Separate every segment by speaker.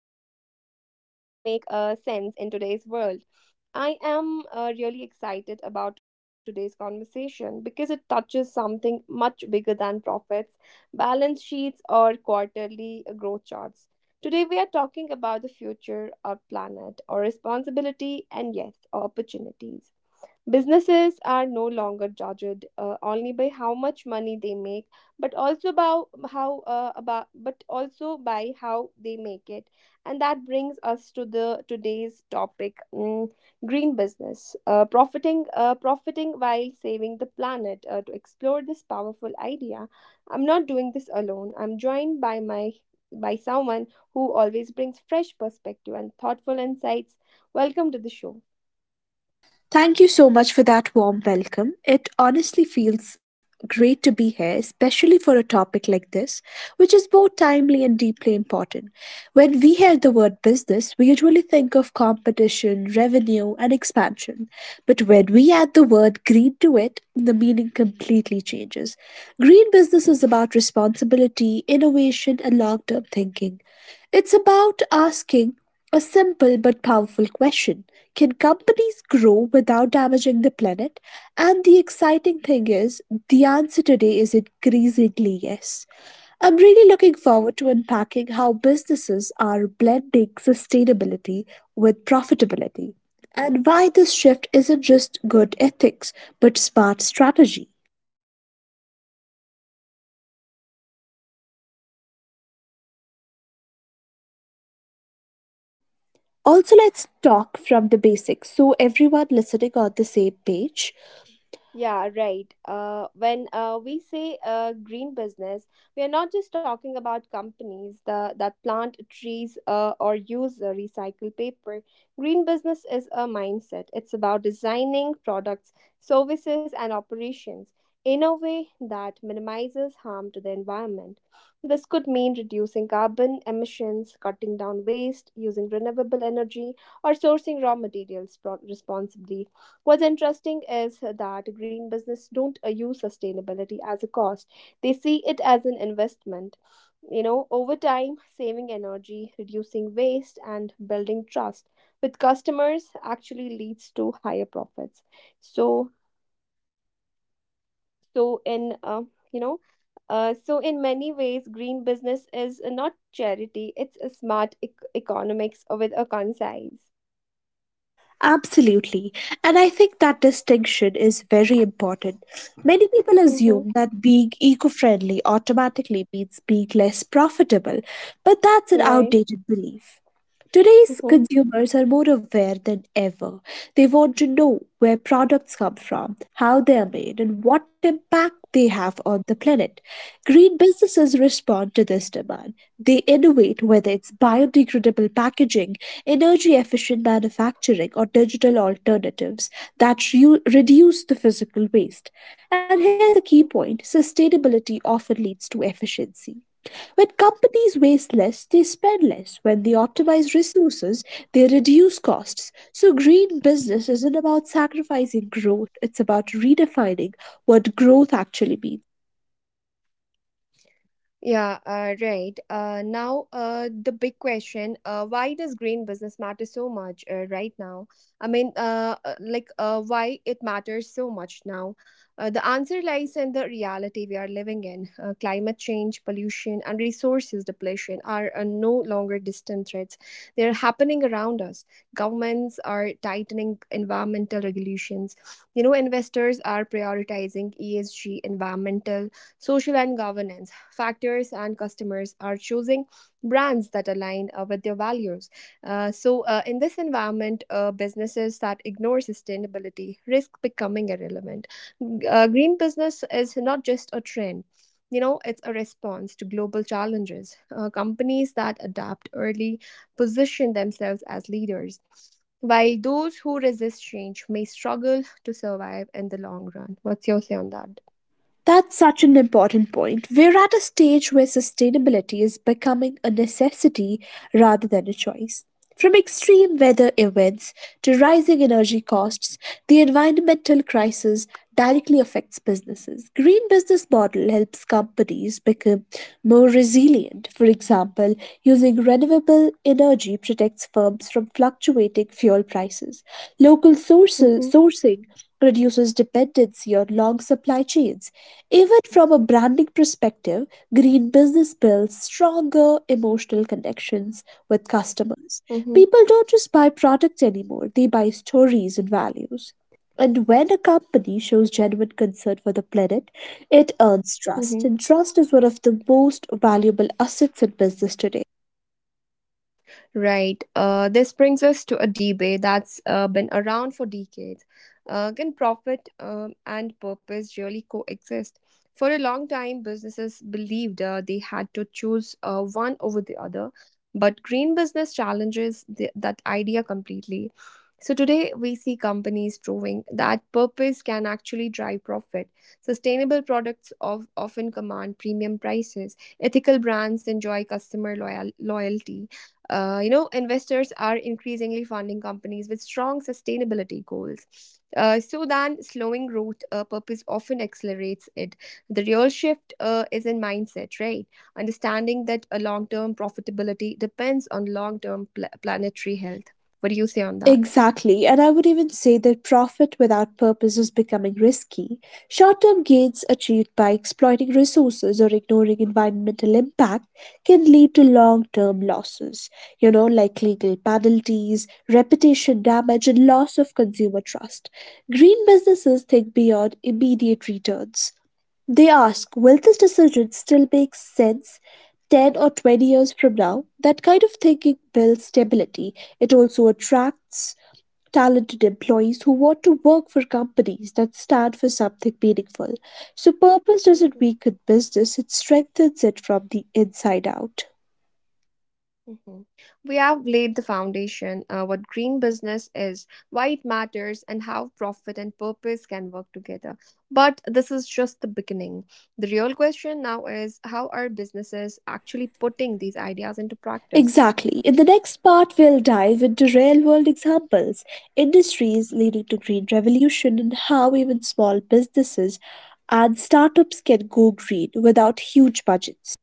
Speaker 1: but actually make sense in today's world. I am really excited about today's conversation because it touches something much bigger than profits, balance sheets, or quarterly growth charts. Today, we are talking about the future of planet, our responsibility, and yes, our opportunities. Businesses are no longer judged only by how much money they make, but also about how about but also by how they make it. And that brings us to the today's topic: green business, profiting while saving the planet. To explore this powerful idea, I'm not doing this alone. I'm joined by someone who always brings fresh perspective and thoughtful insights. Welcome to the show.
Speaker 2: Thank you so much for that warm welcome. It honestly feels great to be here, especially for a topic like this, which is both timely and deeply important. When we hear the word business, we usually think of competition, revenue, and expansion. But when we add the word green to it, the meaning completely changes. Green business is about responsibility, innovation, and long term thinking. It's about asking a simple but powerful question: Can companies grow without damaging the planet? And the exciting thing is, the answer today is increasingly yes. I'm really looking forward to unpacking how businesses are blending sustainability with profitability, and why this shift isn't just good ethics but smart strategy. Also, let's talk from the basics so everyone listening on the same page.
Speaker 1: Yeah, right. When we say green business, we are not just talking about companies that plant trees or use recycled paper. Green business is a mindset. It's about designing products, services, and operations in a way that minimizes harm to the environment. This could mean reducing carbon emissions, cutting down waste, using renewable energy, or sourcing raw materials responsibly. What's interesting is that green business don't use sustainability as a cost. They see it as an investment. You know, over time, saving energy, reducing waste, and building trust with customers actually leads to higher profits. So, so in uh, you know, so in many ways, green business is not charity; it's a smart economics with a concise.
Speaker 2: Absolutely. And I think that distinction is very important. Many people
Speaker 1: Mm-hmm.
Speaker 2: assume that being eco friendly automatically means being less profitable, but that's an
Speaker 1: Right.
Speaker 2: outdated belief. Today's
Speaker 1: Mm-hmm.
Speaker 2: consumers are more aware than ever. They want to know where products come from, how they are made, and what impact they have on the planet. Green businesses respond to this demand. They innovate, whether it's biodegradable packaging, energy efficient manufacturing, or digital alternatives that reduce the physical waste. And here's the key point:
Speaker 1: Mm-hmm.
Speaker 2: sustainability often leads to efficiency. When companies waste less, they spend less. When they optimize resources, they reduce costs. So, green business isn't about sacrificing growth, it's about redefining what growth actually means.
Speaker 1: Yeah, right. Now, the big question: why does green business matter so much right now? Why it matters so much now? The answer lies in the reality we are living in. Climate change, pollution, and resources depletion are no longer distant threats; they are happening around us. Governments are tightening environmental regulations. You know, investors are prioritizing ESG, environmental Social and governance factors, and customers are choosing brands that align with their values. So, in this environment, businesses that ignore sustainability risk becoming irrelevant. Green business is not just a trend. You know, it's a response to global challenges. Companies that adapt early position themselves as leaders, while those who resist change may struggle to survive in the long run. What's your say on that?
Speaker 2: That's such an important point. We're at a stage where sustainability is becoming a necessity rather than a choice. From extreme weather events to rising energy costs, the environmental crisis directly affects businesses. Green business model helps companies become more resilient. For example, using renewable energy protects firms from fluctuating fuel prices. Local sources,
Speaker 1: Mm-hmm.
Speaker 2: sourcing reduces dependency on long supply chains. Even from a branding perspective, green business builds stronger emotional connections with customers.
Speaker 1: Mm-hmm.
Speaker 2: People don't just buy products anymore, they buy stories and values. And when a company shows genuine concern for the planet, it earns trust.
Speaker 1: Mhm.
Speaker 2: And trust is one of the most valuable assets in business today.
Speaker 1: Right. This brings us to a debate that's been around for decades. Can profit and purpose really coexist? For a long time, businesses believed they had to choose one over the other, but green business challenges that idea completely. So today, we see companies proving that purpose can actually drive profit. Sustainable products of often command premium prices. Ethical brands enjoy customer loyalty. You know, investors are increasingly funding companies with strong sustainability goals. So then, slowing growth purpose often accelerates it. The real shift is in mindset, right? Understanding that a long-term profitability depends on long-term planetary health. What do you say on that?
Speaker 2: Exactly, and I would even say that profit without purpose is becoming risky. Short term gains achieved by exploiting resources or ignoring environmental impact can lead to long term losses, you know, like legal penalties, reputation damage, and loss of consumer trust. Green businesses think beyond immediate returns. They ask, will this decision still make sense 10 or 20 years from now? That kind of thinking builds stability. It also attracts talented employees who want to work for companies that stand for something meaningful. So, purpose doesn't
Speaker 1: Mhm,
Speaker 2: weaken business, it strengthens it from the inside out.
Speaker 1: mhm. We have laid the foundation, what green business is, why it matters, and how profit and purpose can work together. But this is just the beginning. The real question now is how are businesses actually putting these ideas into practice?
Speaker 2: Exactly. In the next part, we'll dive into real world examples, industries leading to green revolution, and how even small businesses and startups can go green without huge budgets.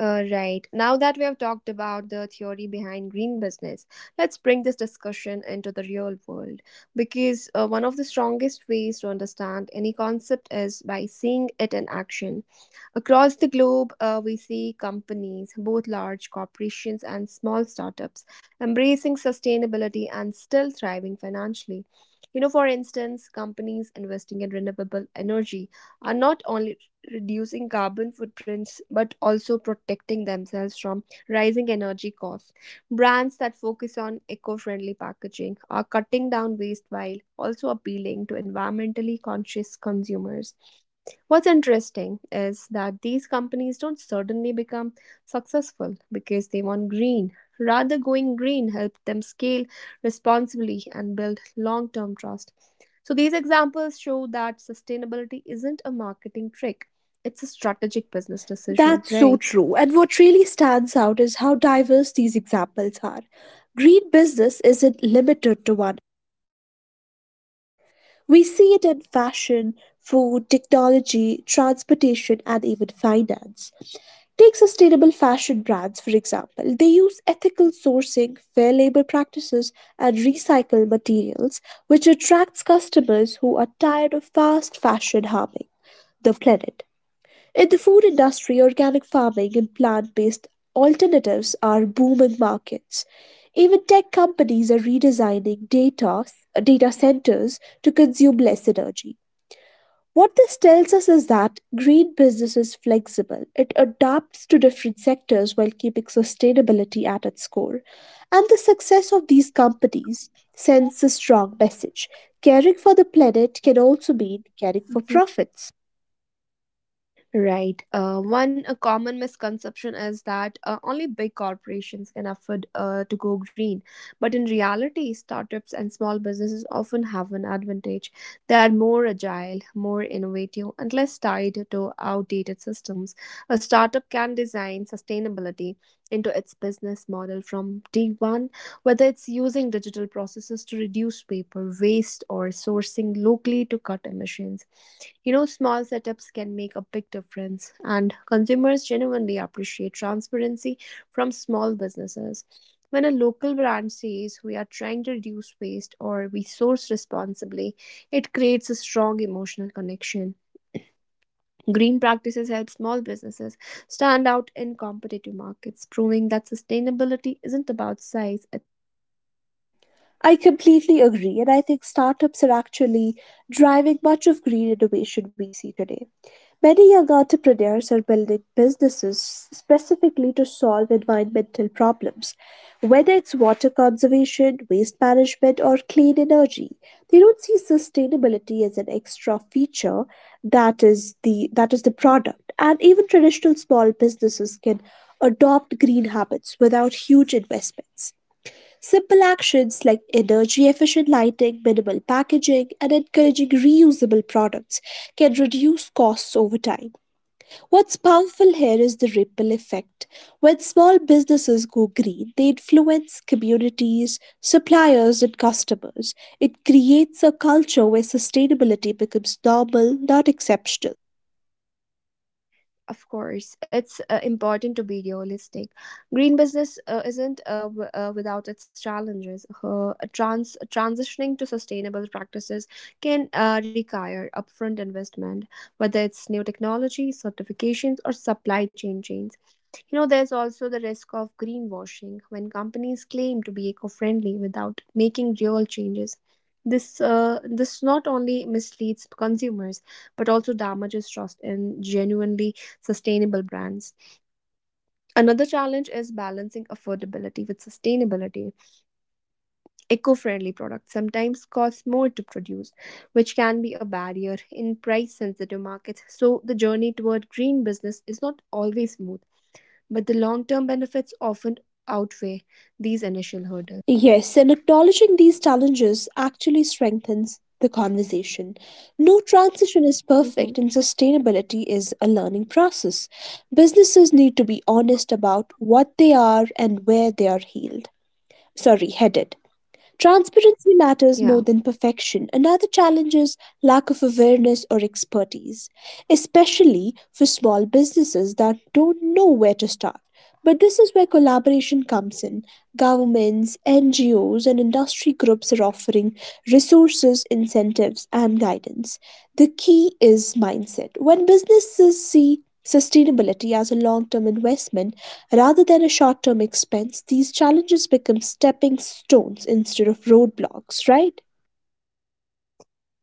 Speaker 1: Right. Now that we have talked about the theory behind green business, let's bring this discussion into the real world because one of the strongest ways to understand any concept is by seeing it in action. Across the globe, we see companies, both large corporations and small startups, embracing sustainability and still thriving financially. You know, for instance, companies investing in renewable energy are not only reducing carbon footprints but also protecting themselves from rising energy costs. Brands that focus on eco friendly packaging are cutting down waste while also appealing to environmentally conscious consumers. What's interesting is that these companies don't suddenly become successful because they went green. Rather, going green helped them scale responsibly and build long term trust. So, these examples show that sustainability isn't a marketing trick, it's a strategic business decision,
Speaker 2: That's so
Speaker 1: right?
Speaker 2: true. And what really stands out is how diverse these examples are. Green business isn't limited to one. We see it in fashion, food, technology, transportation, and even finance. Take sustainable fashion brands, for example. They use ethical sourcing, fair labor practices, and recycled materials, which attracts customers who are tired of fast fashion harming the planet. In the food industry, organic farming and plant based alternatives are booming markets. Even tech companies are redesigning data, data centers to consume less energy. What this tells us is that green business is flexible. It adapts to different sectors while keeping sustainability at its core. And the success of these companies sends a strong message. Caring for the planet can also mean caring for profits.
Speaker 1: Right. One a common misconception is that only big corporations can afford to go green. But in reality, startups and small businesses often have an advantage. They are more agile, more innovative, and less tied to outdated systems. A startup can design sustainability into its business model from day one, whether it's using digital processes to reduce paper waste or sourcing locally to cut emissions. You know, small setups can make a big difference, and consumers genuinely appreciate transparency from small businesses. When a local brand says we are trying to reduce waste or we source responsibly, it creates a strong emotional connection. Green practices help small businesses stand out in competitive markets, proving that sustainability isn't about size, it's about intention.
Speaker 2: I completely agree, and I think startups are actually driving much of green innovation we see today. Many young entrepreneurs are building businesses specifically to solve environmental problems. Whether it's water conservation, waste management, or clean energy, they don't see sustainability as an extra feature, that is the product. And even traditional small businesses can adopt green habits without huge investments. Simple actions like energy efficient lighting, minimal packaging, and encouraging reusable products can reduce costs over time. What's powerful here is the ripple effect. When small businesses go green, they influence communities, suppliers, and customers. It creates a culture where sustainability becomes normal, not exceptional.
Speaker 1: Of course, it's important to be realistic. Green business isn't without its challenges. Transitioning to sustainable practices can require upfront investment, whether it's new technology, certifications, or supply chains. You know, there's also the risk of greenwashing when companies claim to be eco-friendly without making real changes. This not only misleads consumers but also damages trust in genuinely sustainable brands. Another challenge is balancing affordability with sustainability. Eco-friendly products sometimes cost more to produce, which can be a barrier in price-sensitive markets. So the journey toward green business is not always smooth, but the long term benefits often outweigh these initial hurdles.
Speaker 2: Yes, and acknowledging these challenges actually strengthens the conversation. No transition is
Speaker 1: Mhm.
Speaker 2: perfect, and sustainability is a learning process. Businesses need to be honest about what they are and where they are healed. Sorry, headed. Transparency matters more
Speaker 1: Yeah.
Speaker 2: than perfection. Another challenge is lack of awareness or expertise, especially for small businesses that don't know where to start. But this is where collaboration comes in. Governments, NGOs, and industry groups are offering resources, incentives, and guidance. The key is mindset. When businesses see sustainability as a long term investment rather than a short term expense, these challenges become stepping stones instead of roadblocks, right?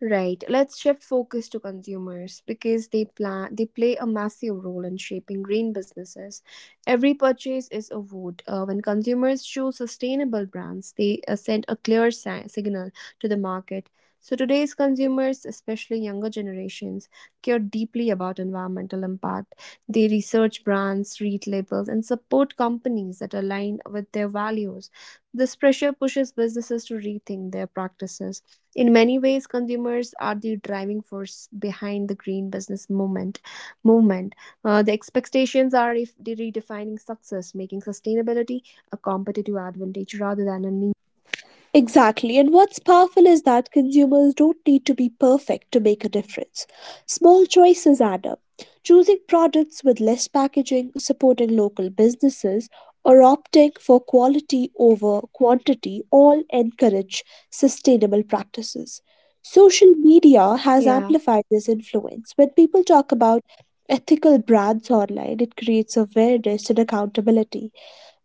Speaker 1: Right. Let's shift focus to consumers because they play a massive role in shaping green businesses. Every purchase is a vote. When consumers choose sustainable brands, they send a clear signal to the market. So today's consumers, especially younger generations, care deeply about environmental impact. They research brands, read labels, and support companies that align with their values. This pressure pushes businesses to rethink their practices. In many ways, consumers are the driving force behind the green business movement. The expectations are if redefining success, making sustainability a competitive advantage rather than a niche idea.
Speaker 2: Exactly, and what's powerful is that consumers don't need to be perfect to make a difference. Small choices add up. Choosing products with less packaging, supporting local businesses, or opting for quality over quantity all encourage sustainable practices. Social media has
Speaker 1: Yeah.
Speaker 2: amplified this influence. When people talk about ethical brands online, it creates awareness and accountability.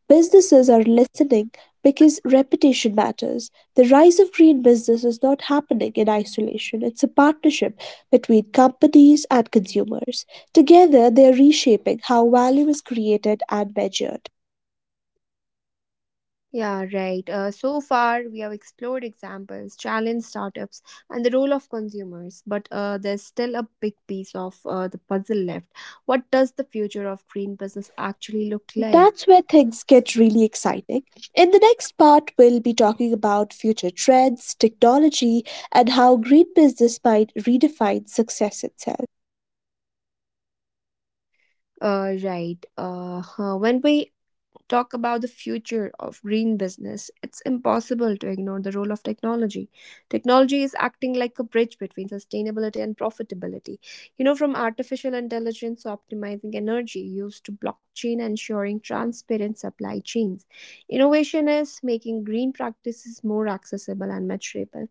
Speaker 2: Businesses are listening because reputation matters. The rise of green business is not happening in isolation, it's a partnership between companies and consumers. Together, they are reshaping how value is created and measured.
Speaker 1: Yeah, right. So far, we have explored examples, challenged startups, and the role of consumers. But there's still a big piece of the puzzle left. What does the future of green business actually look
Speaker 2: That's
Speaker 1: like?
Speaker 2: where things get really exciting. In the next part, we'll be talking about future trends, technology, and how green business might redefine success itself.
Speaker 1: Right. Huh. When we talk about the future of green business, it's impossible to ignore the role of technology. Technology is acting like a bridge between sustainability and profitability. You know, from artificial intelligence optimizing energy use to blockchain ensuring transparent supply chains. Innovation is making green practices more accessible and measurable.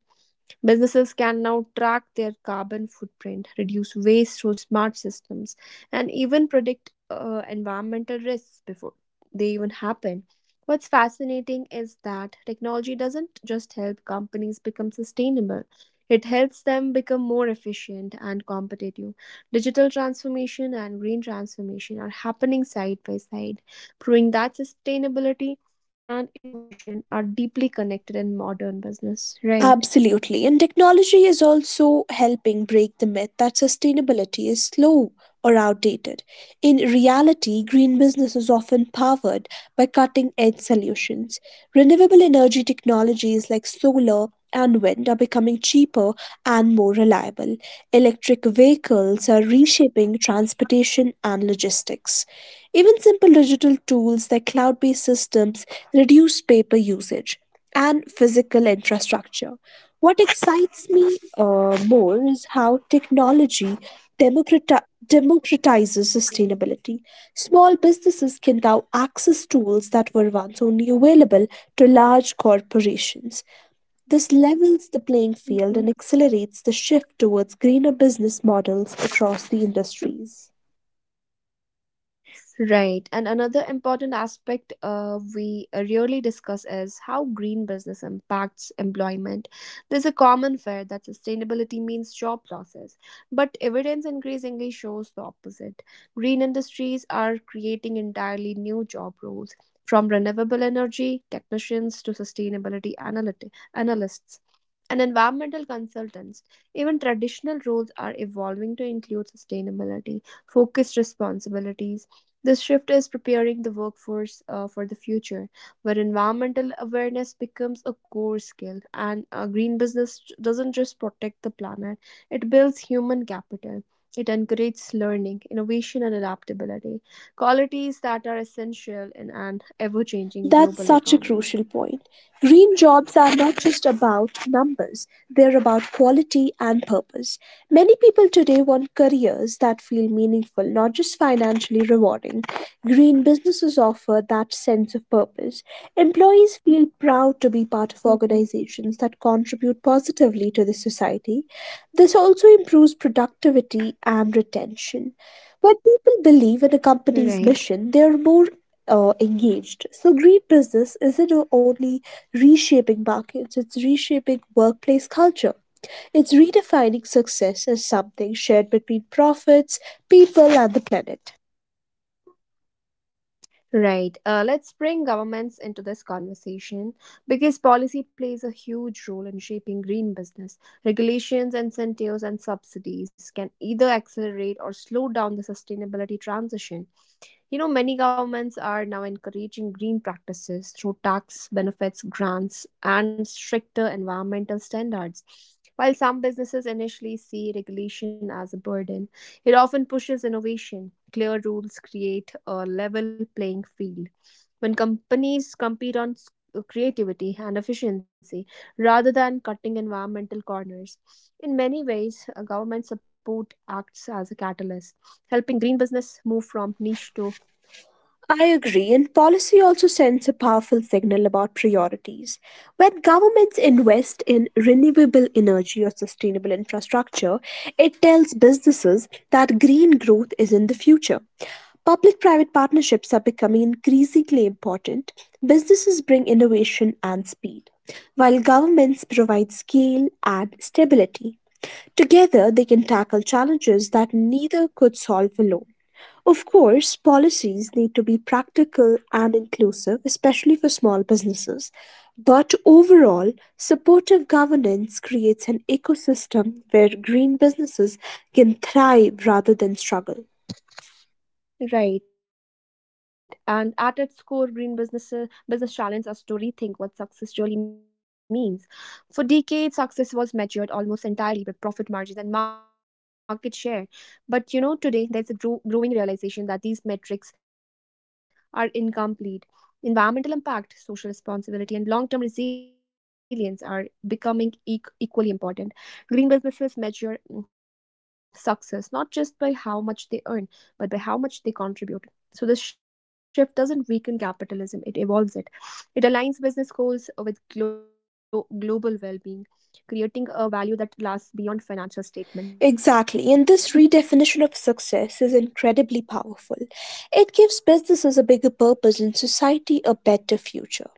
Speaker 1: Businesses can now track their carbon footprint, reduce waste through smart systems, and even predict environmental risks before they even happen. What's fascinating is that technology doesn't just help companies become sustainable, it helps them become more efficient and competitive. Digital transformation and green transformation are happening side by side, proving that sustainability and innovation are deeply connected in modern business, right?
Speaker 2: Absolutely. And technology is also helping break the myth that sustainability is slow or outdated. In reality, green business is often powered by cutting edge solutions. Renewable energy technologies like solar and wind are becoming cheaper and more reliable. Electric vehicles are reshaping transportation and logistics. Even simple digital tools like cloud based systems reduce paper usage and physical infrastructure. What excites me more is how technology democrati- democratizes sustainability. Small businesses can now access tools that were once only available to large corporations. This levels the playing field
Speaker 1: Mhm.
Speaker 2: and accelerates the shift towards greener business models across the industries.
Speaker 1: Right. And another important aspect we really discuss is how green business impacts employment. There's a common fear that sustainability means job losses, but evidence increasingly shows the opposite. Green industries are creating entirely new job roles, from renewable energy technicians to sustainability analysts and environmental consultants. Even traditional roles are evolving to include sustainability, focused responsibilities. This shift is preparing the workforce for the future, where environmental awareness becomes a core skill. And green business doesn't just protect the planet, it builds human capital. It encourages learning, innovation, and adaptability, qualities that are essential in an ever changing
Speaker 2: That's
Speaker 1: global
Speaker 2: such a
Speaker 1: economy.
Speaker 2: crucial point. Green jobs are not just about numbers, they're about quality and purpose. Many people today want careers that feel meaningful, not just financially rewarding. Green businesses offer that sense of purpose. Employees feel proud to be part of
Speaker 1: Mhm.
Speaker 2: organizations that contribute positively to the society. This also improves productivity and retention. When people believe in a company's
Speaker 1: Right.
Speaker 2: mission, they are more engaged. So, green business isn't only reshaping markets, it's reshaping workplace culture. It's redefining success as something shared between profits, people, and the planet.
Speaker 1: Right. Let's bring governments into this conversation because policy plays a huge role in shaping green business. Regulations, incentives, and subsidies can either accelerate or slow down the sustainability transition. You know, many governments are now encouraging green practices through tax benefits, grants, and stricter environmental standards. While some businesses initially see regulation as a burden, it often pushes innovation. Clear rules create a level playing field. When companies compete on creativity and efficiency, rather than cutting environmental corners. In many ways, government support acts as a catalyst, helping green business move from niche to
Speaker 2: I agree, and
Speaker 1: mainstream. Do
Speaker 2: policy
Speaker 1: you
Speaker 2: also
Speaker 1: agree on that?
Speaker 2: sends a powerful signal about priorities. When governments invest in renewable energy or sustainable infrastructure, it tells businesses that green growth is in the future. Public private partnerships are becoming increasingly important. Businesses bring innovation and speed, while governments provide scale and stability. Together, they can tackle challenges that neither could solve alone. Of course, policies need to be practical and inclusive, especially for small businesses. But overall, supportive governance creates an ecosystem where green businesses can thrive rather than struggle.
Speaker 1: Right. And at its core, green business challenges us to rethink what success really means. For decades, success was measured almost entirely by profit margins and market share. But you know, today there's a growing realization that these metrics are incomplete. Environmental impact, social responsibility, and long term resilience are becoming equally important. Green businesses measure success not just by how much they earn, but by how much they contribute. So this shift doesn't weaken capitalism, it evolves it. It aligns business goals with global well being, creating a value that lasts beyond financial
Speaker 2: Exactly,
Speaker 1: statements,
Speaker 2: and
Speaker 1: right?
Speaker 2: this redefinition of success is incredibly powerful. It gives businesses a bigger purpose and society a better future.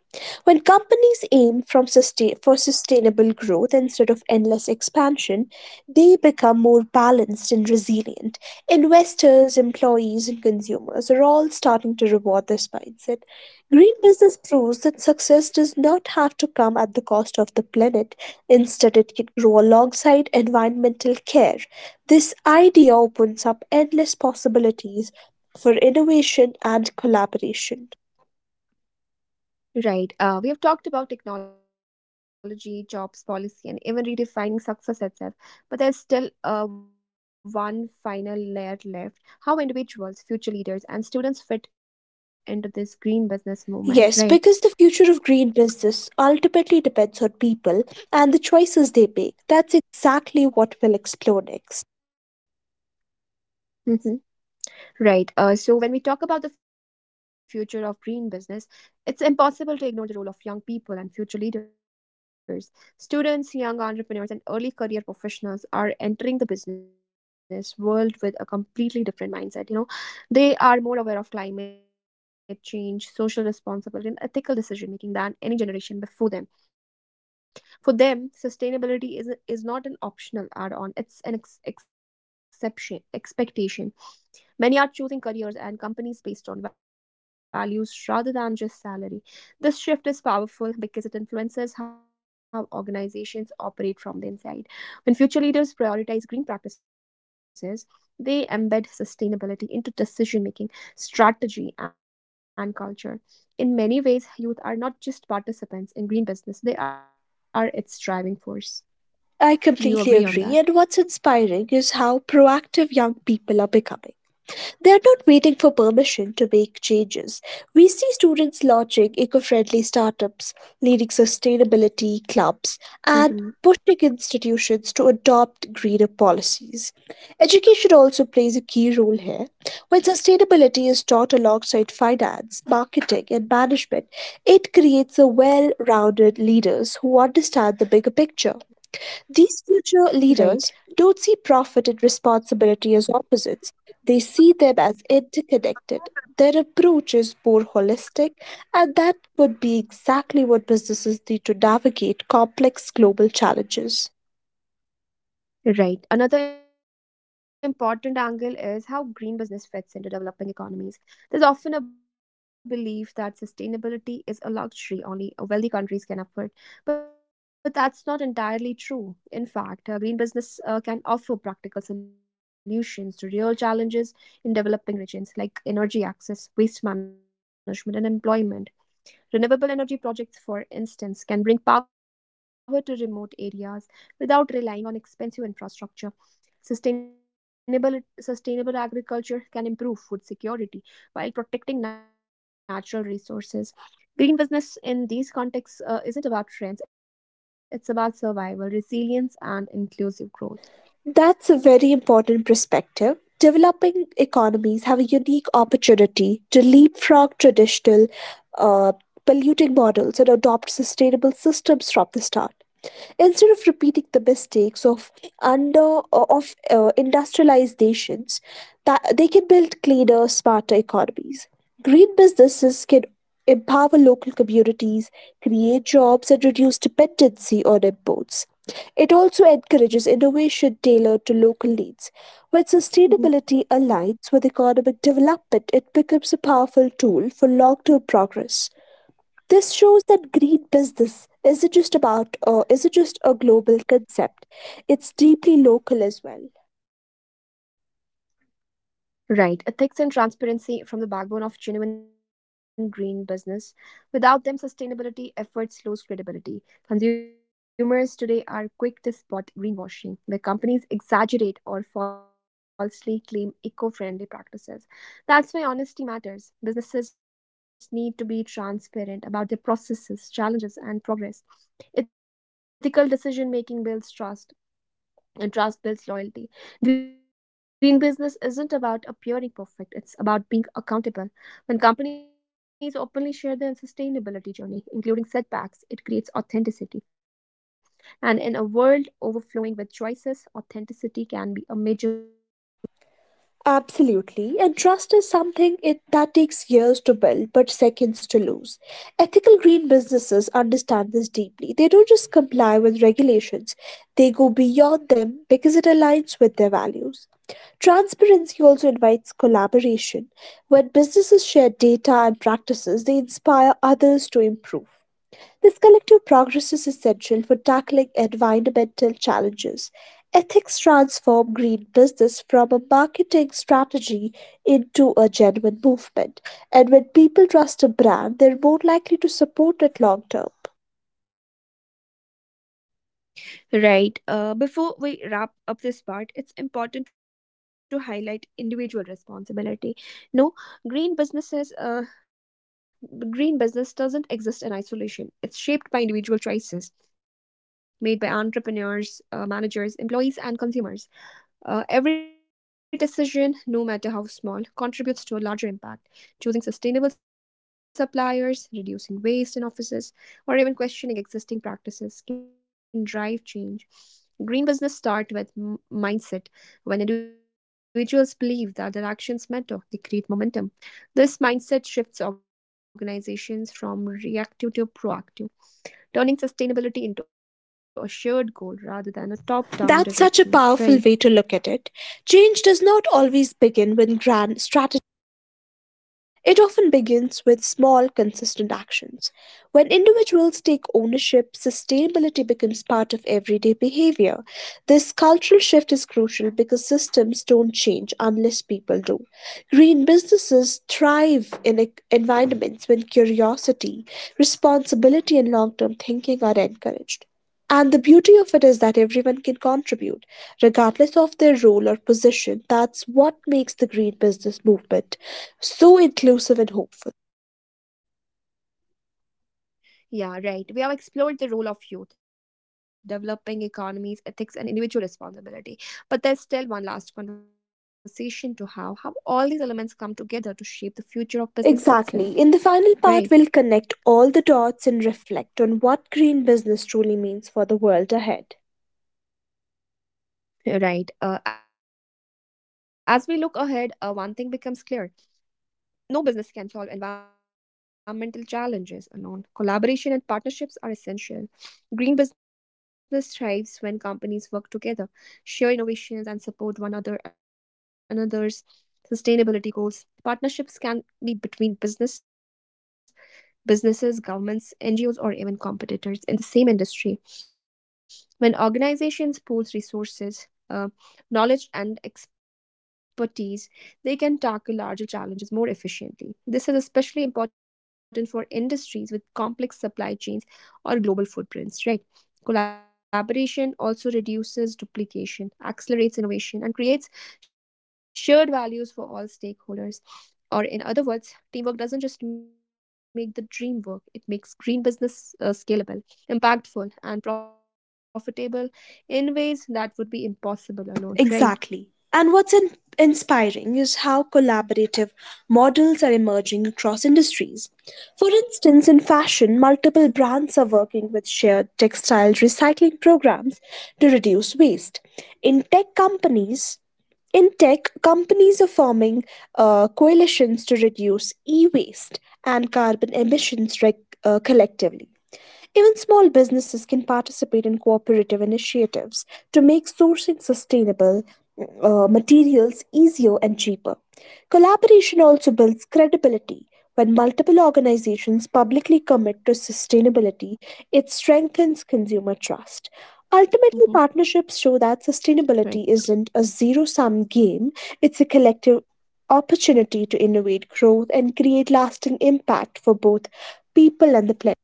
Speaker 2: When companies aim for sustainable growth instead of endless expansion, they become more balanced and resilient. Investors, employees, and consumers are all starting to reward this mindset. Green business proves that success does not have to come at the cost of the planet. Instead, it can grow alongside environmental care. This idea opens up endless possibilities for innovation and collaboration.
Speaker 1: Right. We have talked about technology, jobs, policy, and even redefining success itself. But there's still one final layer left, how individuals, future leaders, and students fit into this green business movement,
Speaker 2: Yes,
Speaker 1: right?
Speaker 2: because the future of green business ultimately depends on people and the choices they make. That's exactly what we'll explore next.
Speaker 1: Mm-hmm. Right. So when we talk about the future of green business, it's impossible to ignore the role of young people and future leaders. Students, young entrepreneurs, and early career professionals are entering the business world with a completely different mindset. You know, they are more aware of climate change, social responsibility, and ethical decision making than any generation before them. For them, sustainability is not an optional add-on; it's an ex- exception expectation. Many are choosing careers and companies based on values rather than just salary. This shift is powerful because it influences how organizations operate from the inside. When future leaders prioritize green practices, they embed sustainability into decision making, strategy, and culture. In many ways, youth are not just participants in green business, they are its driving force.
Speaker 2: I
Speaker 1: Do you
Speaker 2: completely
Speaker 1: agree on
Speaker 2: agree,
Speaker 1: that?
Speaker 2: and what's inspiring is how proactive young people are becoming. They are not waiting for permission to make changes. We see students launching eco friendly startups, leading sustainability clubs, and pushing institutions to
Speaker 1: Hmm.
Speaker 2: adopt greener policies. Education also plays a key role here. When sustainability is taught alongside finance, marketing, and management, it creates a well rounded leaders who understand the bigger picture. These future leaders don't see
Speaker 1: Right.
Speaker 2: profit and responsibility as opposites. They see them as interconnected. Their approach is more holistic, and that could be exactly what businesses need to navigate complex global challenges.
Speaker 1: Right. Another important angle is how green business fits into developing economies. There's often a belief that sustainability is a luxury only wealthy countries can afford, but that's not entirely true. In fact, green business can offer practical solutions to real challenges in developing regions like energy access, waste management, and employment. Renewable energy projects, for instance, can bring power to remote areas without relying on expensive infrastructure. Sustainable, sustainable agriculture can improve food security while protecting natural resources. Green business in these contexts isn't about trends, it's about survival, resilience, and inclusive growth.
Speaker 2: That's a very important perspective. Developing economies have a unique opportunity to leapfrog traditional uh, polluting models and adopt sustainable systems from the start, instead of repeating the mistakes of under of industrialized nations. That they can build cleaner smarter economies. Green businesses can empower local communities, create jobs, and reduce dependency on imports. It also encourages innovation tailored to local needs. When sustainability aligns with economic development, it becomes a powerful tool for long term progress. This shows that green business isn't just about isn't just a global concept. It's deeply local as well.
Speaker 1: Right. Ethics and transparency from the backbone of genuine green business. Without them, sustainability efforts lose credibility. Consumers today are quick to spot greenwashing, where companies exaggerate or falsely claim eco friendly practices. That's why honesty matters. Businesses need to be transparent about their processes, challenges, and progress. Ethical decision making builds trust and trust builds loyalty. Green business isn't about appearing perfect, it's about being accountable. When companies openly share their sustainability journey, including setbacks, it creates authenticity. And in a world overflowing with choices, authenticity can be a major competitive advantage,
Speaker 2: Absolutely,
Speaker 1: right?
Speaker 2: and trust is something that takes years to build but seconds to lose. Ethical green businesses understand this deeply. They don't just comply with regulations, they go beyond them because it aligns with their values. Transparency also invites collaboration. When businesses share data and practices, they inspire others to improve. This collective progress is essential for tackling environmental challenges. Ethics transform green business from a marketing strategy into a genuine movement. And when people trust a brand, they're more likely to support it long term.
Speaker 1: Right. Before we wrap up this part, it's important to highlight individual responsibility. No, green businesses, uh, green business doesn't exist in isolation. It's shaped by individual choices made by entrepreneurs, managers, employees, and consumers. Every decision, no matter how small, contributes to a larger impact. Choosing sustainable suppliers, reducing waste in offices, or even questioning existing practices can drive change. Green business start with mindset. When individuals believe that their actions matter, they create momentum. This mindset shifts organizations from reactive to proactive, turning sustainability into a shared goal rather than a top-down
Speaker 2: That's such a
Speaker 1: directive.
Speaker 2: powerful way
Speaker 1: Right.
Speaker 2: to look at it. Change does not always begin with grand strategies. It often begins with small, consistent actions. When individuals take ownership, sustainability becomes part of everyday behavior. This cultural shift is crucial because systems don't change unless people do. Green businesses thrive in environments when curiosity, responsibility, and long term thinking are encouraged. And the beauty of it is that everyone can contribute, regardless of their role or position. That's what makes the green business movement so inclusive and hopeful.
Speaker 1: Yeah, right. We have explored the role of youth, developing economies, ethics, and individual responsibility. But there's still one last conversation to have, how all these elements come together to shape the future of business
Speaker 2: Exactly. In the
Speaker 1: itself,
Speaker 2: final
Speaker 1: right?
Speaker 2: part, we'll connect all the dots and reflect on what green business truly means for the world ahead.
Speaker 1: Mhm. Right. As we look ahead, one thing becomes clear. No business can solve environmental challenges alone. Collaboration and partnerships are essential. Green business thrives when companies work together, share innovations, and support one other another's sustainability goals. Partnerships can be between businesses, governments, NGOs, or even competitors in the same industry. When organizations pool resources, uh, knowledge, and expertise, they can tackle larger challenges more efficiently. This is especially important for industries with complex supply chains or global footprints, right? Collaboration also reduces duplication, accelerates innovation, and creates shared values for all stakeholders. Or, in other words, teamwork doesn't just make the dream work, it makes green business scalable, impactful, and profitable in ways that would be impossible alone, right?
Speaker 2: Exactly. And what's inspiring is how collaborative models are emerging across industries. For instance, in fashion, multiple brands are working with shared textile recycling programs to reduce waste. In tech companies, in tech, companies are forming coalitions to reduce e waste and carbon emissions collectively. Even small businesses can participate in cooperative initiatives to make sourcing sustainable materials easier and cheaper. Collaboration also builds credibility. When multiple organizations publicly commit to sustainability, it strengthens consumer trust.
Speaker 1: Hmm.
Speaker 2: Ultimately, partnerships show that sustainability
Speaker 1: Right.
Speaker 2: isn't a zero sum game, it's a collective opportunity to innovate growth and create lasting impact for both people and the planet.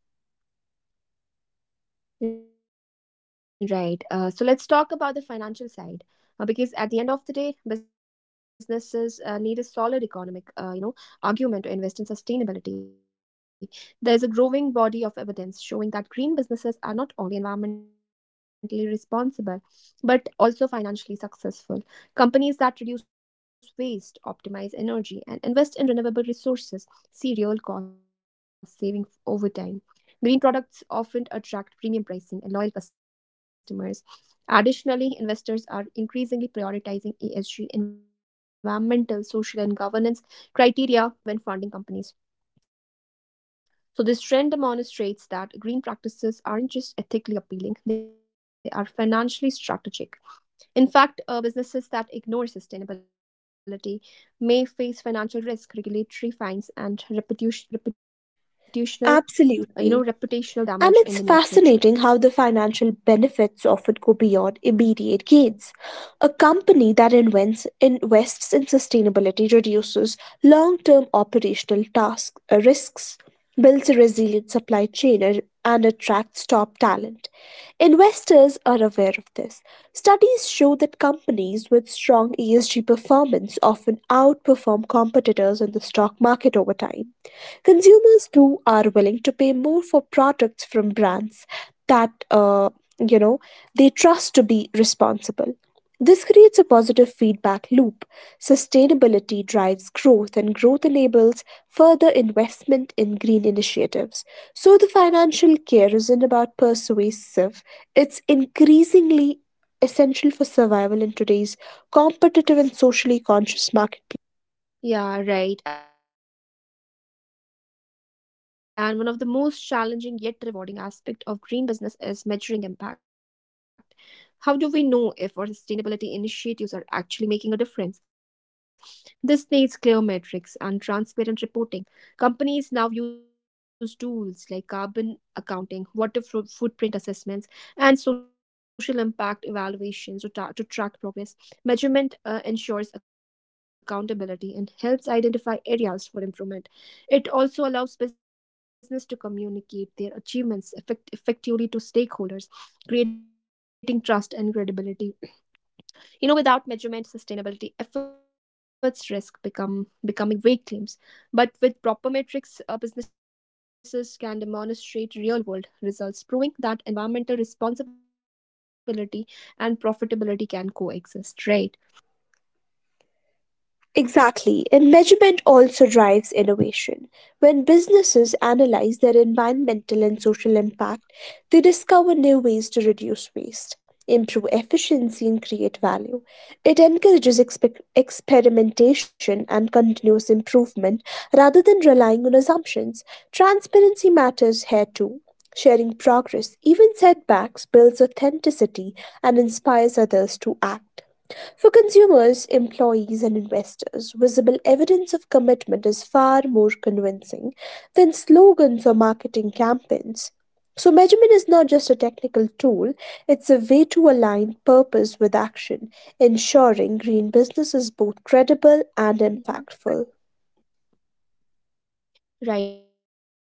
Speaker 1: Right. So let's talk about the financial side, because at the end of the day, businesses need a solid economic, you know, argument to invest in sustainability. There's a growing body of evidence showing that green businesses are not only environmentally responsible, but also financially successful. Companies that reduce waste, optimize energy, and invest in renewable resources see real cost saving over time. Green products often attract premium pricing and loyal customers. Additionally, investors are increasingly prioritizing ESG, environmental, social, and governance criteria when funding companies. So, this trend demonstrates that green practices aren't just ethically appealing, they are financially strategic. In fact, businesses that ignore sustainability may face financial risk, regulatory fines, and reputational
Speaker 2: Absolutely.
Speaker 1: reputational damage
Speaker 2: And
Speaker 1: in the
Speaker 2: it's
Speaker 1: near future.
Speaker 2: fascinating how the financial benefits often go beyond immediate gains. A company that invests in sustainability reduces long term operational risks, builds a resilient supply chain, and attracts top talent. Investors are aware of this. Studies show that companies with strong ESG performance often outperform competitors in the stock market over time. Consumers too are willing to pay more for products from brands that you know they trust to be responsible. This creates a positive feedback loop. Sustainability drives growth, and growth enables further investment in green initiatives. So, the financial care isn't about persuasive, it's increasingly essential for survival in today's competitive and socially conscious marketplace.
Speaker 1: Yeah, right. And one of the most challenging yet rewarding aspect of green business is measuring impact. How do we know if our sustainability initiatives are actually making a difference? This needs clear metrics and transparent reporting. Companies now use tools like carbon accounting, water footprint assessments, and social impact evaluations to, to track progress. Measurement ensures accountability and helps identify areas for improvement. It also allows business to communicate their achievements effectively to stakeholders, creating trust and credibility. You know, without measurement, sustainability efforts risk become becoming vague claims, but with proper metrics, businesses can demonstrate real-world results, proving that environmental responsibility and profitability can coexist. Right?
Speaker 2: Exactly, and measurement also drives innovation. When businesses analyze their environmental and social impact, they discover new ways to reduce waste, improve efficiency, and create value. It encourages experimentation and continuous improvement rather than relying on assumptions. Transparency matters here too. Sharing progress, even setbacks, builds authenticity and inspires others to act. For consumers, employees, and investors, visible evidence of commitment is far more convincing than slogans or marketing campaigns. So, measurement is not just a technical tool, it's a way to align purpose with action, ensuring green business is both credible and
Speaker 1: Mhm.
Speaker 2: impactful.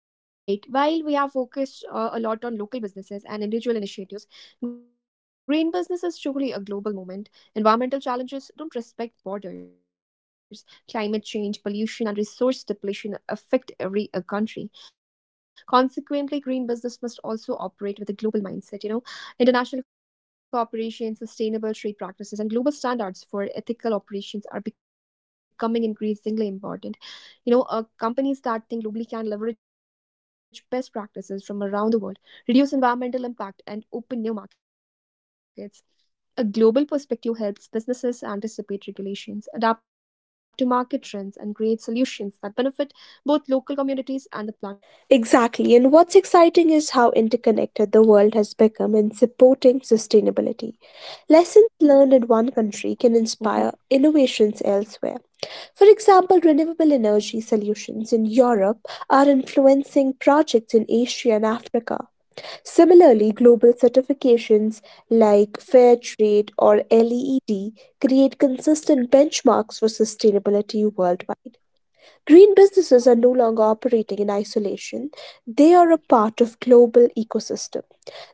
Speaker 1: Right. While we are focused a lot on local businesses and individual initiatives, green business is truly a global movement. Environmental challenges don't respect borders. Climate change, pollution, and resource depletion affect every country. Consequently, green business must also operate with a global mindset. You know, international cooperation, sustainable trade practices, and global standards for ethical operations are becoming increasingly important. You know, companies that think globally can leverage best practices from around the world, reduce environmental impact, and open new markets. A global perspective helps businesses anticipate regulations, adapt to market trends, and create solutions that benefit both local communities and the planet as a
Speaker 2: Exactly, and
Speaker 1: whole.
Speaker 2: what's exciting
Speaker 1: Right.
Speaker 2: is how interconnected the world has become in supporting sustainability. Lessons learned in one country can inspire
Speaker 1: Mm-hmm.
Speaker 2: innovations elsewhere. For example, renewable energy solutions in Europe are influencing projects in Asia and Africa. Similarly, global certifications like Fair Trade or LEED create consistent benchmarks for sustainability worldwide. Green businesses are no longer operating in isolation. They are a part of global ecosystem.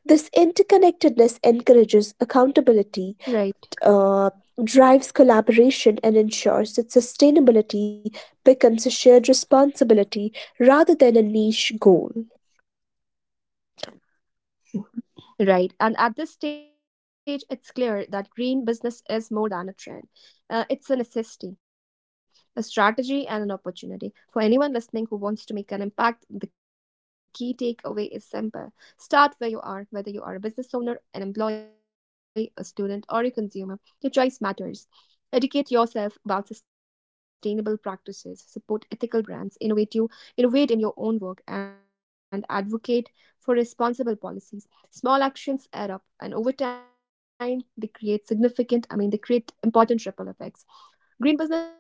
Speaker 2: This interconnectedness encourages accountability,
Speaker 1: Right.
Speaker 2: uh, drives collaboration and ensures that sustainability becomes a shared responsibility rather than a niche goal.
Speaker 1: Right. And at this stage, it's clear that green business is more than a trend. It's a necessity, a strategy, and an opportunity. For anyone listening who wants to make an impact, the key takeaway is simple. Start where you are, whether you are a business owner, an employee, a student, or a consumer. Your choice matters. Educate yourself about sustainable practices, support ethical brands, innovate in your own work, and advocate for responsible policies. Small actions add up, and over time, I mean, they create important ripple effects.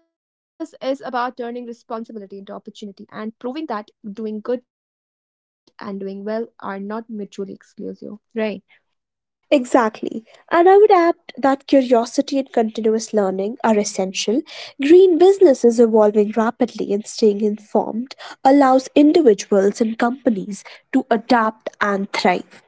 Speaker 1: Green business is about turning responsibility into opportunity and proving that doing good and doing well are not mutually exclusive. Right.
Speaker 2: Exactly. And I would add that curiosity and continuous learning are essential. Green business is evolving rapidly, and staying informed allows individuals and companies to adapt and thrive.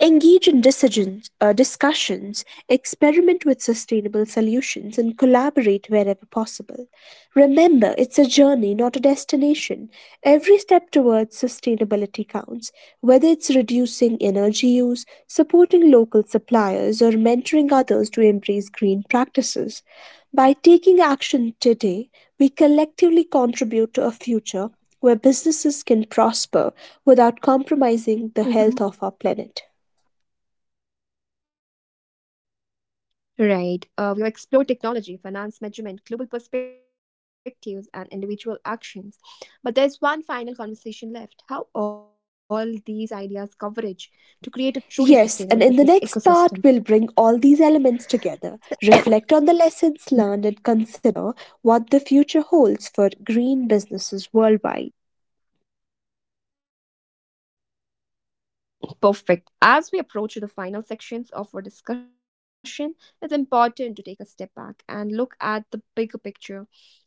Speaker 2: Engage in discussions, experiment with sustainable solutions, and collaborate wherever possible. Remember, it's a journey, not a destination. Every step towards sustainability counts, whether it's reducing energy use, supporting local suppliers, or mentoring others to embrace green practices. By taking action today, we collectively contribute to a future where businesses can prosper without compromising the health
Speaker 1: Mhm.
Speaker 2: of our planet.
Speaker 1: Right. We have explored technology, finance, measurement, global perspectives, and individual actions. But there's one final conversation left, how all these ideas converge to create a
Speaker 2: Yes,
Speaker 1: truly
Speaker 2: and in the
Speaker 1: sustainable
Speaker 2: next
Speaker 1: business
Speaker 2: part, we'll bring
Speaker 1: ecosystem.
Speaker 2: all these elements together, reflect on the lessons learned, and consider what the future holds for green businesses worldwide.
Speaker 1: Perfect. As we approach the final sections of our discussion, it's important to take a step back and look at the bigger picture.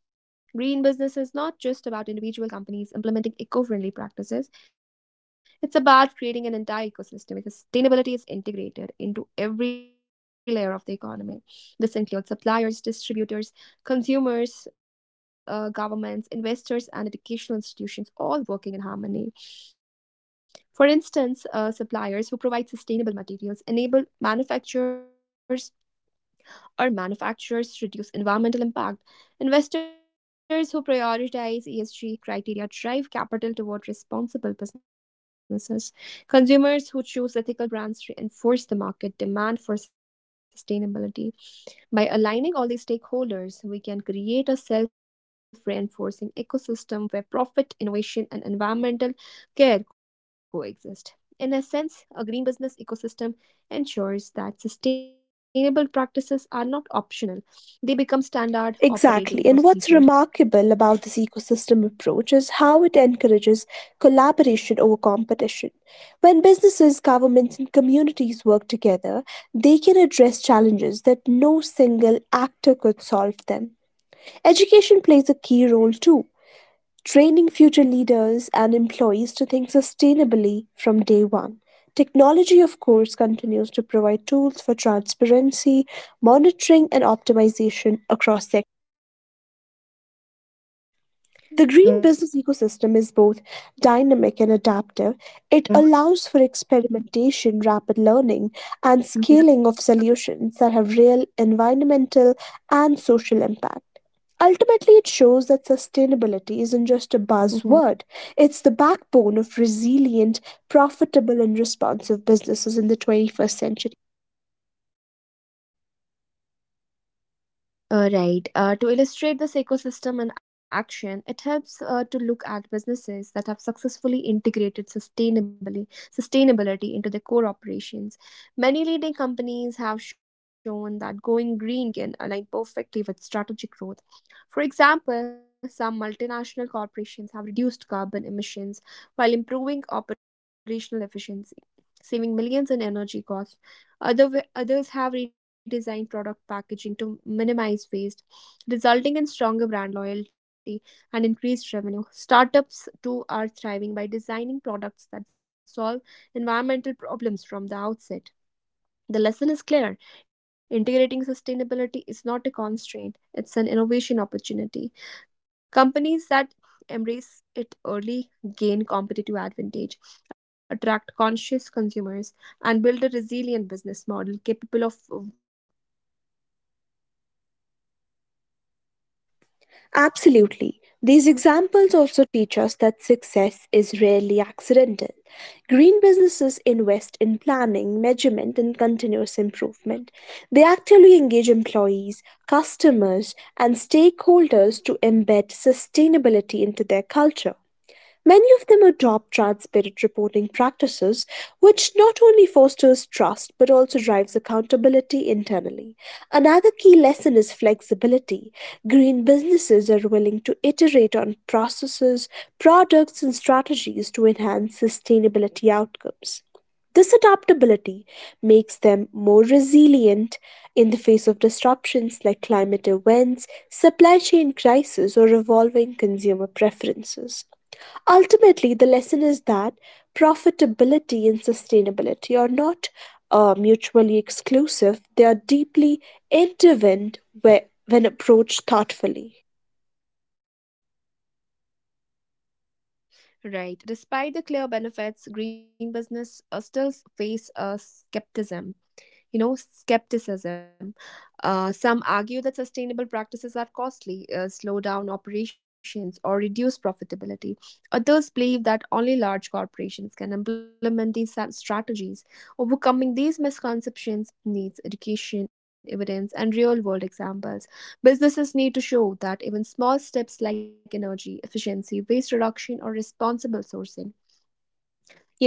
Speaker 1: Green business is not just about individual companies implementing eco friendly practices, it's about creating an entire ecosystem where sustainability is integrated into every layer of the economy. This includes suppliers, distributors, consumers, governments, investors, and educational institutions all working in harmony. For instance, suppliers who provide sustainable materials enable manufacturers to reduce environmental impact. Investors who prioritize ESG criteria drive capital toward responsible businesses. Consumers who choose ethical brands reinforce the market demand for sustainability. By aligning all these stakeholders, we can create a self reinforcing ecosystem where profit, innovation, and environmental care coexist. In essence, a green business ecosystem ensures that sustainable practices are not optional, they become standard
Speaker 2: Exactly. And
Speaker 1: operating
Speaker 2: what's
Speaker 1: procedures,
Speaker 2: remarkable
Speaker 1: right?
Speaker 2: about this ecosystem approach is how it encourages collaboration over competition. When businesses, governments, and communities work together, they can address challenges that no single actor could solve them. Education plays a key role too, training future leaders and employees to think sustainably from day one. Technology, of course, continues to provide tools for transparency, monitoring, and optimization across the. The green business ecosystem is both dynamic and adaptive.
Speaker 1: Yeah.
Speaker 2: It allows for experimentation, rapid learning, and
Speaker 1: Mhm.
Speaker 2: scaling of solutions that have real environmental and social impact. Ultimately, it shows that sustainability isn't just a buzzword,
Speaker 1: Mhm.
Speaker 2: it's the backbone of resilient, profitable, and responsive businesses in the 21st century.
Speaker 1: Right. To illustrate this ecosystem in action, it helps to look at businesses that have successfully integrated sustainably sustainability into their core operations. Many leading companies have shown that going green can align perfectly with strategic growth. For example, some multinational corporations have reduced carbon emissions while improving operational efficiency saving millions in energy costs. Others have redesigned product packaging to minimize waste, resulting in stronger brand loyalty and increased revenue. Startups, too, are thriving by designing products that solve environmental problems from the outset. The lesson is clear. Integrating sustainability is not a constraint, it's an innovation opportunity. Companies that embrace it early gain competitive advantage, attract conscious consumers, and build a resilient business model capable of weathering regulatory, social, and environmental change.
Speaker 2: Absolutely. These examples also teach us that success is rarely accidental. Green businesses invest in planning, measurement, and continuous improvement. They actively engage employees, customers, and stakeholders to embed sustainability into their culture. Many of them adopt transparent reporting practices, which not only fosters trust but also drives accountability internally. Another key lesson is flexibility. Green businesses are willing to iterate on processes, products, and strategies to enhance sustainability outcomes. This adaptability makes them more resilient in the face of disruptions like climate events, supply chain crisis, or evolving consumer preferences. Ultimately, the lesson is that profitability and sustainability are not mutually exclusive, they are deeply intertwined when approached thoughtfully.
Speaker 1: Right. Despite the clear benefits, green business still face skepticism. Skepticism. Some argue that sustainable practices are costly, slow down operations, or reduce profitability. Others believe that only large corporations can implement strategies. Overcoming these misconceptions needs education, evidence, and real world examples. Businesses need to show that even small steps like energy efficiency, waste reduction, or responsible sourcing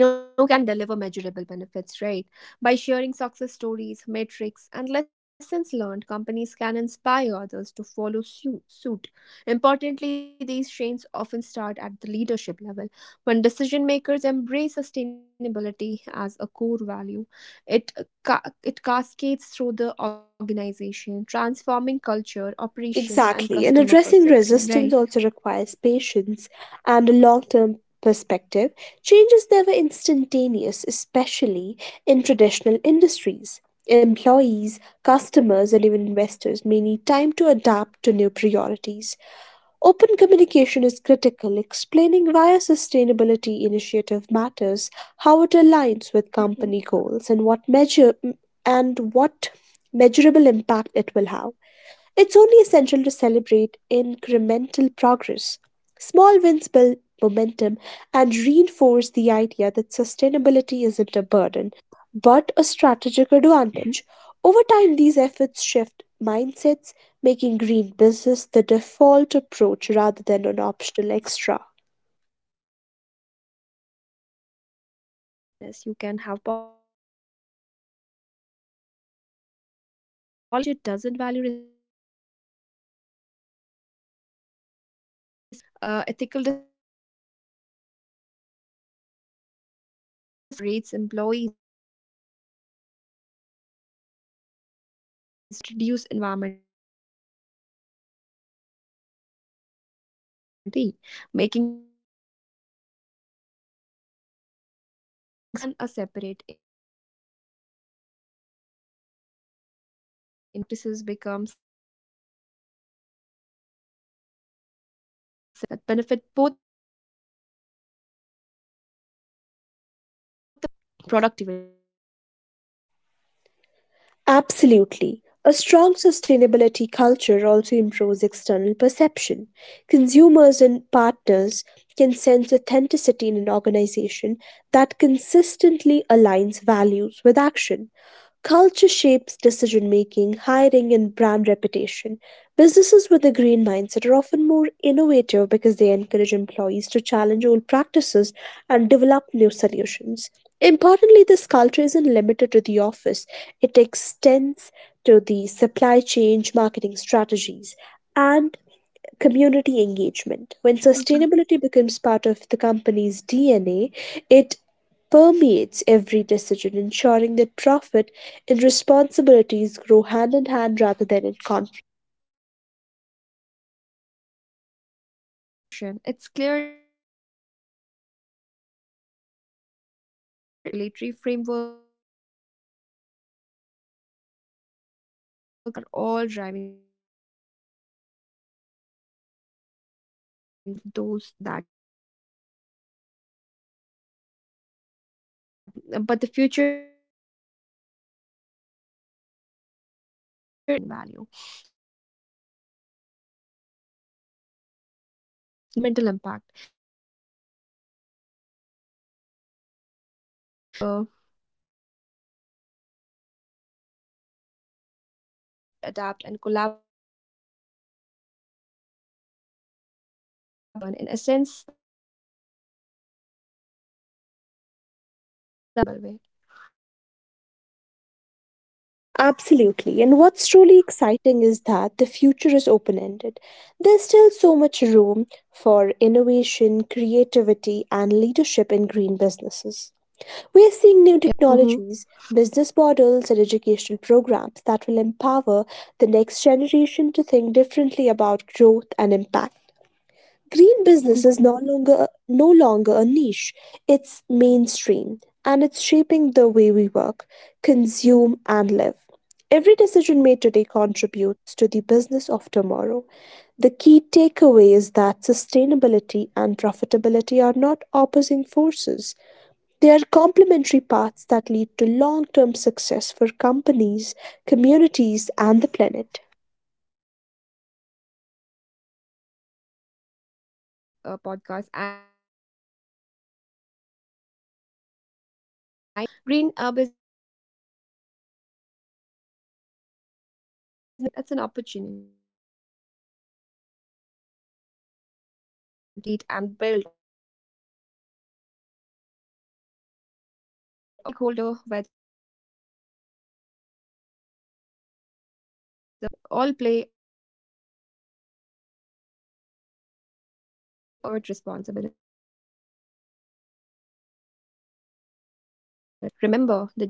Speaker 1: you know can deliver measurable benefits, right? By sharing success stories, metrics, and lessons learned, companies can inspire others to follow suit. Importantly, these chains often start at the leadership level. When decision makers embrace sustainability as a core value, it it cascades through the organization, transforming culture, operations, and
Speaker 2: Exactly, and
Speaker 1: customer
Speaker 2: addressing
Speaker 1: perception,
Speaker 2: resistance
Speaker 1: right?
Speaker 2: also requires patience and a long term perspective. Change is never instantaneous, especially in traditional industries. Employees, customers, and even investors may need time to adapt to new priorities. Open communication is critical, explaining why a sustainability initiative matters, how it aligns with company goals, and what measure and what measurable impact it will have. It's only essential to celebrate incremental progress. Small wins build momentum and reinforce the idea that sustainability isn't a burden, but a strategic advantage.
Speaker 1: Mhm.
Speaker 2: Over time, these efforts
Speaker 1: Yeah.
Speaker 2: shift mindsets, making green business the default approach rather than an optional extra.
Speaker 1: Exactly. Culture is another critical factor in sustainable business. You can have policies, technology, and processes in place, but if the company culture doesn't value responsibility and ethical decision making, effort often fail. A culture of sustainability encourages employees to innovate, question inefficiencies, and contribute ideas that reduce environmental impact. So, leaders must model the behavior they want to see, making sustainability an integral part of daily operations rather than a separate initiative. When this cultural alignment occurs, green practices become self reinforcing. Employees feel empowered to make choices that benefit both the planet and the business, so leading to higher engagement, productivity,
Speaker 2: Absolutely.
Speaker 1: and long
Speaker 2: A
Speaker 1: term
Speaker 2: strong
Speaker 1: growth, right?
Speaker 2: sustainability culture also improves external perception. Consumers and partners can sense authenticity in an organization that consistently aligns values with action. Culture shapes decision making, hiring, and brand reputation. Businesses with a green mindset are often more innovative because they encourage employees to challenge old practices and develop new solutions. Importantly, this culture isn't limited to the office, it extends to the supply chain, marketing strategies, and community engagement. When sustainability becomes part of the company's DNA,
Speaker 1: Mhm.
Speaker 2: it permeates every decision,
Speaker 1: Mhm.
Speaker 2: ensuring that profit and responsibilities grow hand in hand rather than in conflict.
Speaker 1: Right. As we approach the conclusion of our discussion, it's clear that the future of business is green. Consumer expectations, regulatory frameworks, technological advancements, and global challenges are all driving this transition. Companies that embrace sustainability will thrive, those that resist risk obsolescence, you know. But the future isn't just about compliance or profit, it's about redefining value. Green businesses measure success not only in revenue but also in environmental impact, social responsibility, and you know long-term social responsibility and long-term resilience. They innovate, adapt, and collaborate across borders, creating ecosystem that benefit everyone. In essence, that future of business is holistic, purpose-driven, and profitable in a sustainable way.
Speaker 2: Absolutely. And what's truly exciting is that the future is open ended. There's still so much room for
Speaker 1: Mm-hmm.
Speaker 2: innovation, creativity, and
Speaker 1: Yeah.
Speaker 2: leadership in green businesses. We are
Speaker 1: Mm-hmm.
Speaker 2: seeing new technologies,
Speaker 1: Mm-hmm.
Speaker 2: business models, and educational programs that will empower the next generation to think differently about growth and impact. Green business is no longer
Speaker 1: Mm-hmm.
Speaker 2: a niche, it's mainstream, and it's shaping the way we work, consume, and live. Every decision made today contributes to the business of tomorrow. The key takeaway is that
Speaker 1: Mm-hmm.
Speaker 2: sustainability and profitability are not opposing forces. They are complementary paths that
Speaker 1: Mm-hmm.
Speaker 2: lead to long term success for companies, communities, and the planet.
Speaker 1: Yeah, right. As we wrap up this podcast, I want to leave our listeners with one central idea. Green business is not just a trend, a strategy, or a moral obligation. It's an opportunity. It's an opportunity to create value, innovate you. I mean, innovate and build a better world while thriving financially. Every stakeholder, whether an entrepreneur, employee, investor, or even a consumer, all play a role in this transformation. Sustainability is a shared responsibility, and collective action can drive change on a global scale.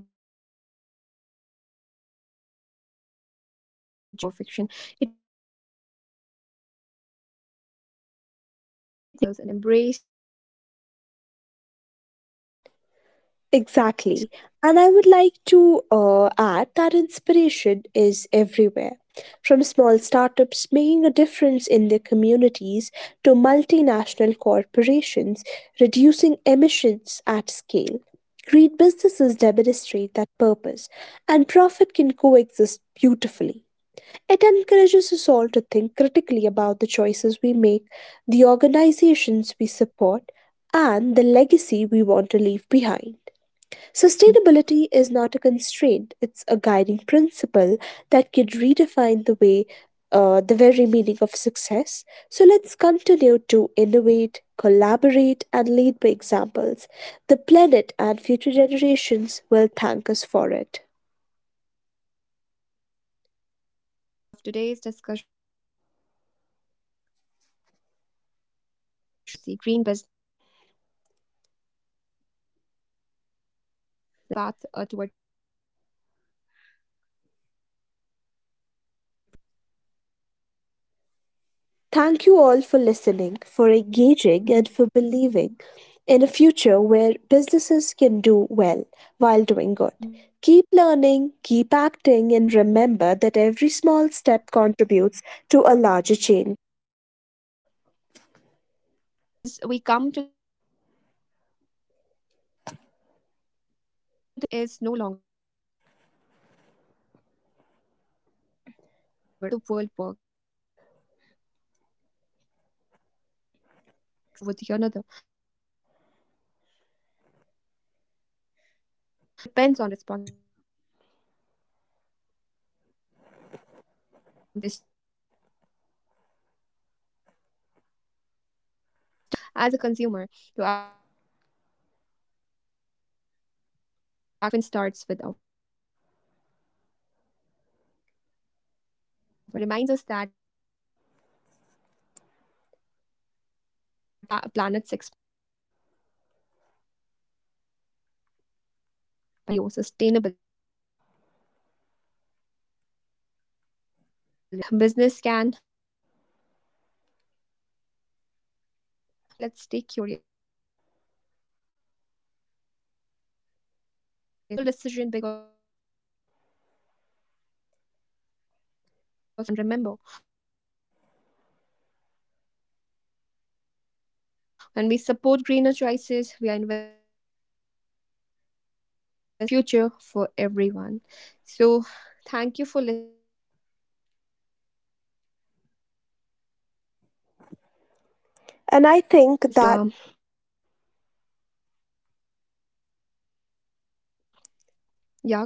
Speaker 1: Remember, the journey to green business doesn't require perfection. I mean, it doesn't need a perfection, it needs commitment, creativity, and courage to challenge old models and embrace a new way of doing business, right?
Speaker 2: Exactly. And I would like to add that inspiration is everywhere. From small startups making a difference in their communities to multinational corporations reducing emissions at scale. Great businesses demonstrate that purpose, and profit can coexist beautifully. It encourages us all to think critically about the choices we make, the organizations we support, and the legacy we want to leave behind. Sustainability is not a constraint, it's a guiding principle that could redefine the very meaning of success. So let's continue to innovate, collaborate, and lead by examples. The planet and future generations will thank us for it.
Speaker 1: Right. And with that, we have reached the end of today's discussion. We hope this conversation has inspired you to see green business not just as concept but as a real, actionable path toward profitability, responsibility, and impact.
Speaker 2: Thank you
Speaker 1: Thank
Speaker 2: all for
Speaker 1: you. Oh,
Speaker 2: listening, for engaging, and for
Speaker 1: mhm,
Speaker 2: believing in a future where businesses can do well while doing good. Keep
Speaker 1: mhm.
Speaker 2: learning, keep acting, and remember that every small step contributes to a larger change.
Speaker 1: Right. As we come to the close of today's conversation, one thing is clear: green business is no longer a future idea. It's happening right now and it's shaping the way the world works. Profiting while saving the planet isn't about choosing one over the another or other, it's about understanding that long term success depends on responsibility, innovation, and care for our environment. Whether you are a student, a future entrepreneur, or simply someone who makes everyday choices as a consumer, your actions matter. Change doesn't always begin with massive steps, it often starts with awareness and intention. So, absolutely, I mean, green business reminds us that progress doesn't have to come at the planet's expense. It invites us to rethink success, to value sustainability alongside growth, and to believe that business can be powerful forces for good. As we move forward, let's stay curious, informed, and willing to challenge old systems. Every sustainable decision, big or small, adds up. So, thank you for joining us in this conversation. And remember, when we support greener choices, we are investing not just in business, but in a healthier future for everyone. So, thank you for listening, and we will see you in the next episode. Don't forget to drink the water. And uh,
Speaker 2: And I think
Speaker 1: this was
Speaker 2: that
Speaker 1: all from us. Yeah, yeah. Continue, please.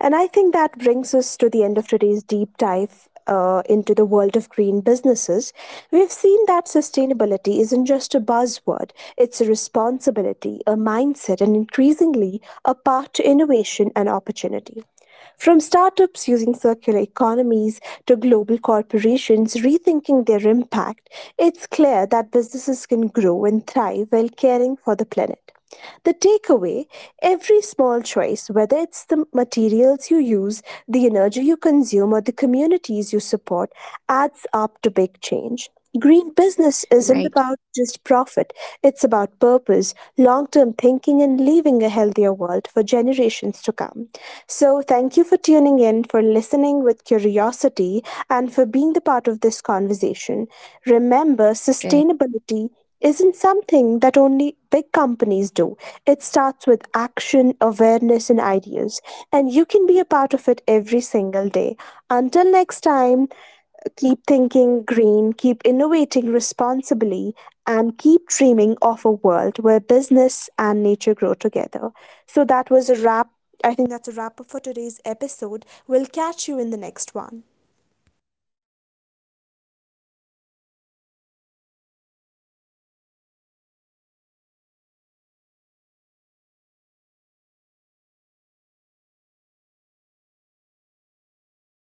Speaker 2: And I think
Speaker 1: So,
Speaker 2: that brings us to the end of today's deep dive into the world of green businesses. We've seen that sustainability isn't just a buzzword, it's a responsibility, a mindset, and increasingly a path to innovation and opportunity. From startups using circular economies to global corporations rethinking their impact, it's clear that businesses can grow and thrive while caring for the planet. The takeaway: every small choice, whether it's the materials you use, the energy you consume, or the communities you support, adds up to big change. Green business isn't
Speaker 1: right,
Speaker 2: about just profit, it's about purpose, long term thinking, and leaving a healthier world for generations to come. So,
Speaker 1: right,
Speaker 2: thank you for
Speaker 1: right.
Speaker 2: tuning in, for listening with curiosity, and for being the part of this conversation. Remember, sustainability isn't something that only big companies do. It starts with action, awareness, and ideas. And you can be a part of it every single day. Until next
Speaker 1: Yeah,
Speaker 2: time, keep thinking green, keep innovating responsibly, and keep
Speaker 1: yeah,
Speaker 2: dreaming of a world where business and nature grow together. So that was a wrap.
Speaker 1: right.
Speaker 2: I think that's a wrap up for today's
Speaker 1: Thank you for
Speaker 2: episode.
Speaker 1: spending your
Speaker 2: We'll
Speaker 1: time with
Speaker 2: catch you
Speaker 1: us,
Speaker 2: in the
Speaker 1: for
Speaker 2: next
Speaker 1: listening,
Speaker 2: one.
Speaker 1: and for being part of a generation that believes in doing well by doing good. Until next time, keep thinking green, stay curious, and keep pushing for a future that benefits everyone. We'll catch you in the next episode. Till then, bye bye. Take care.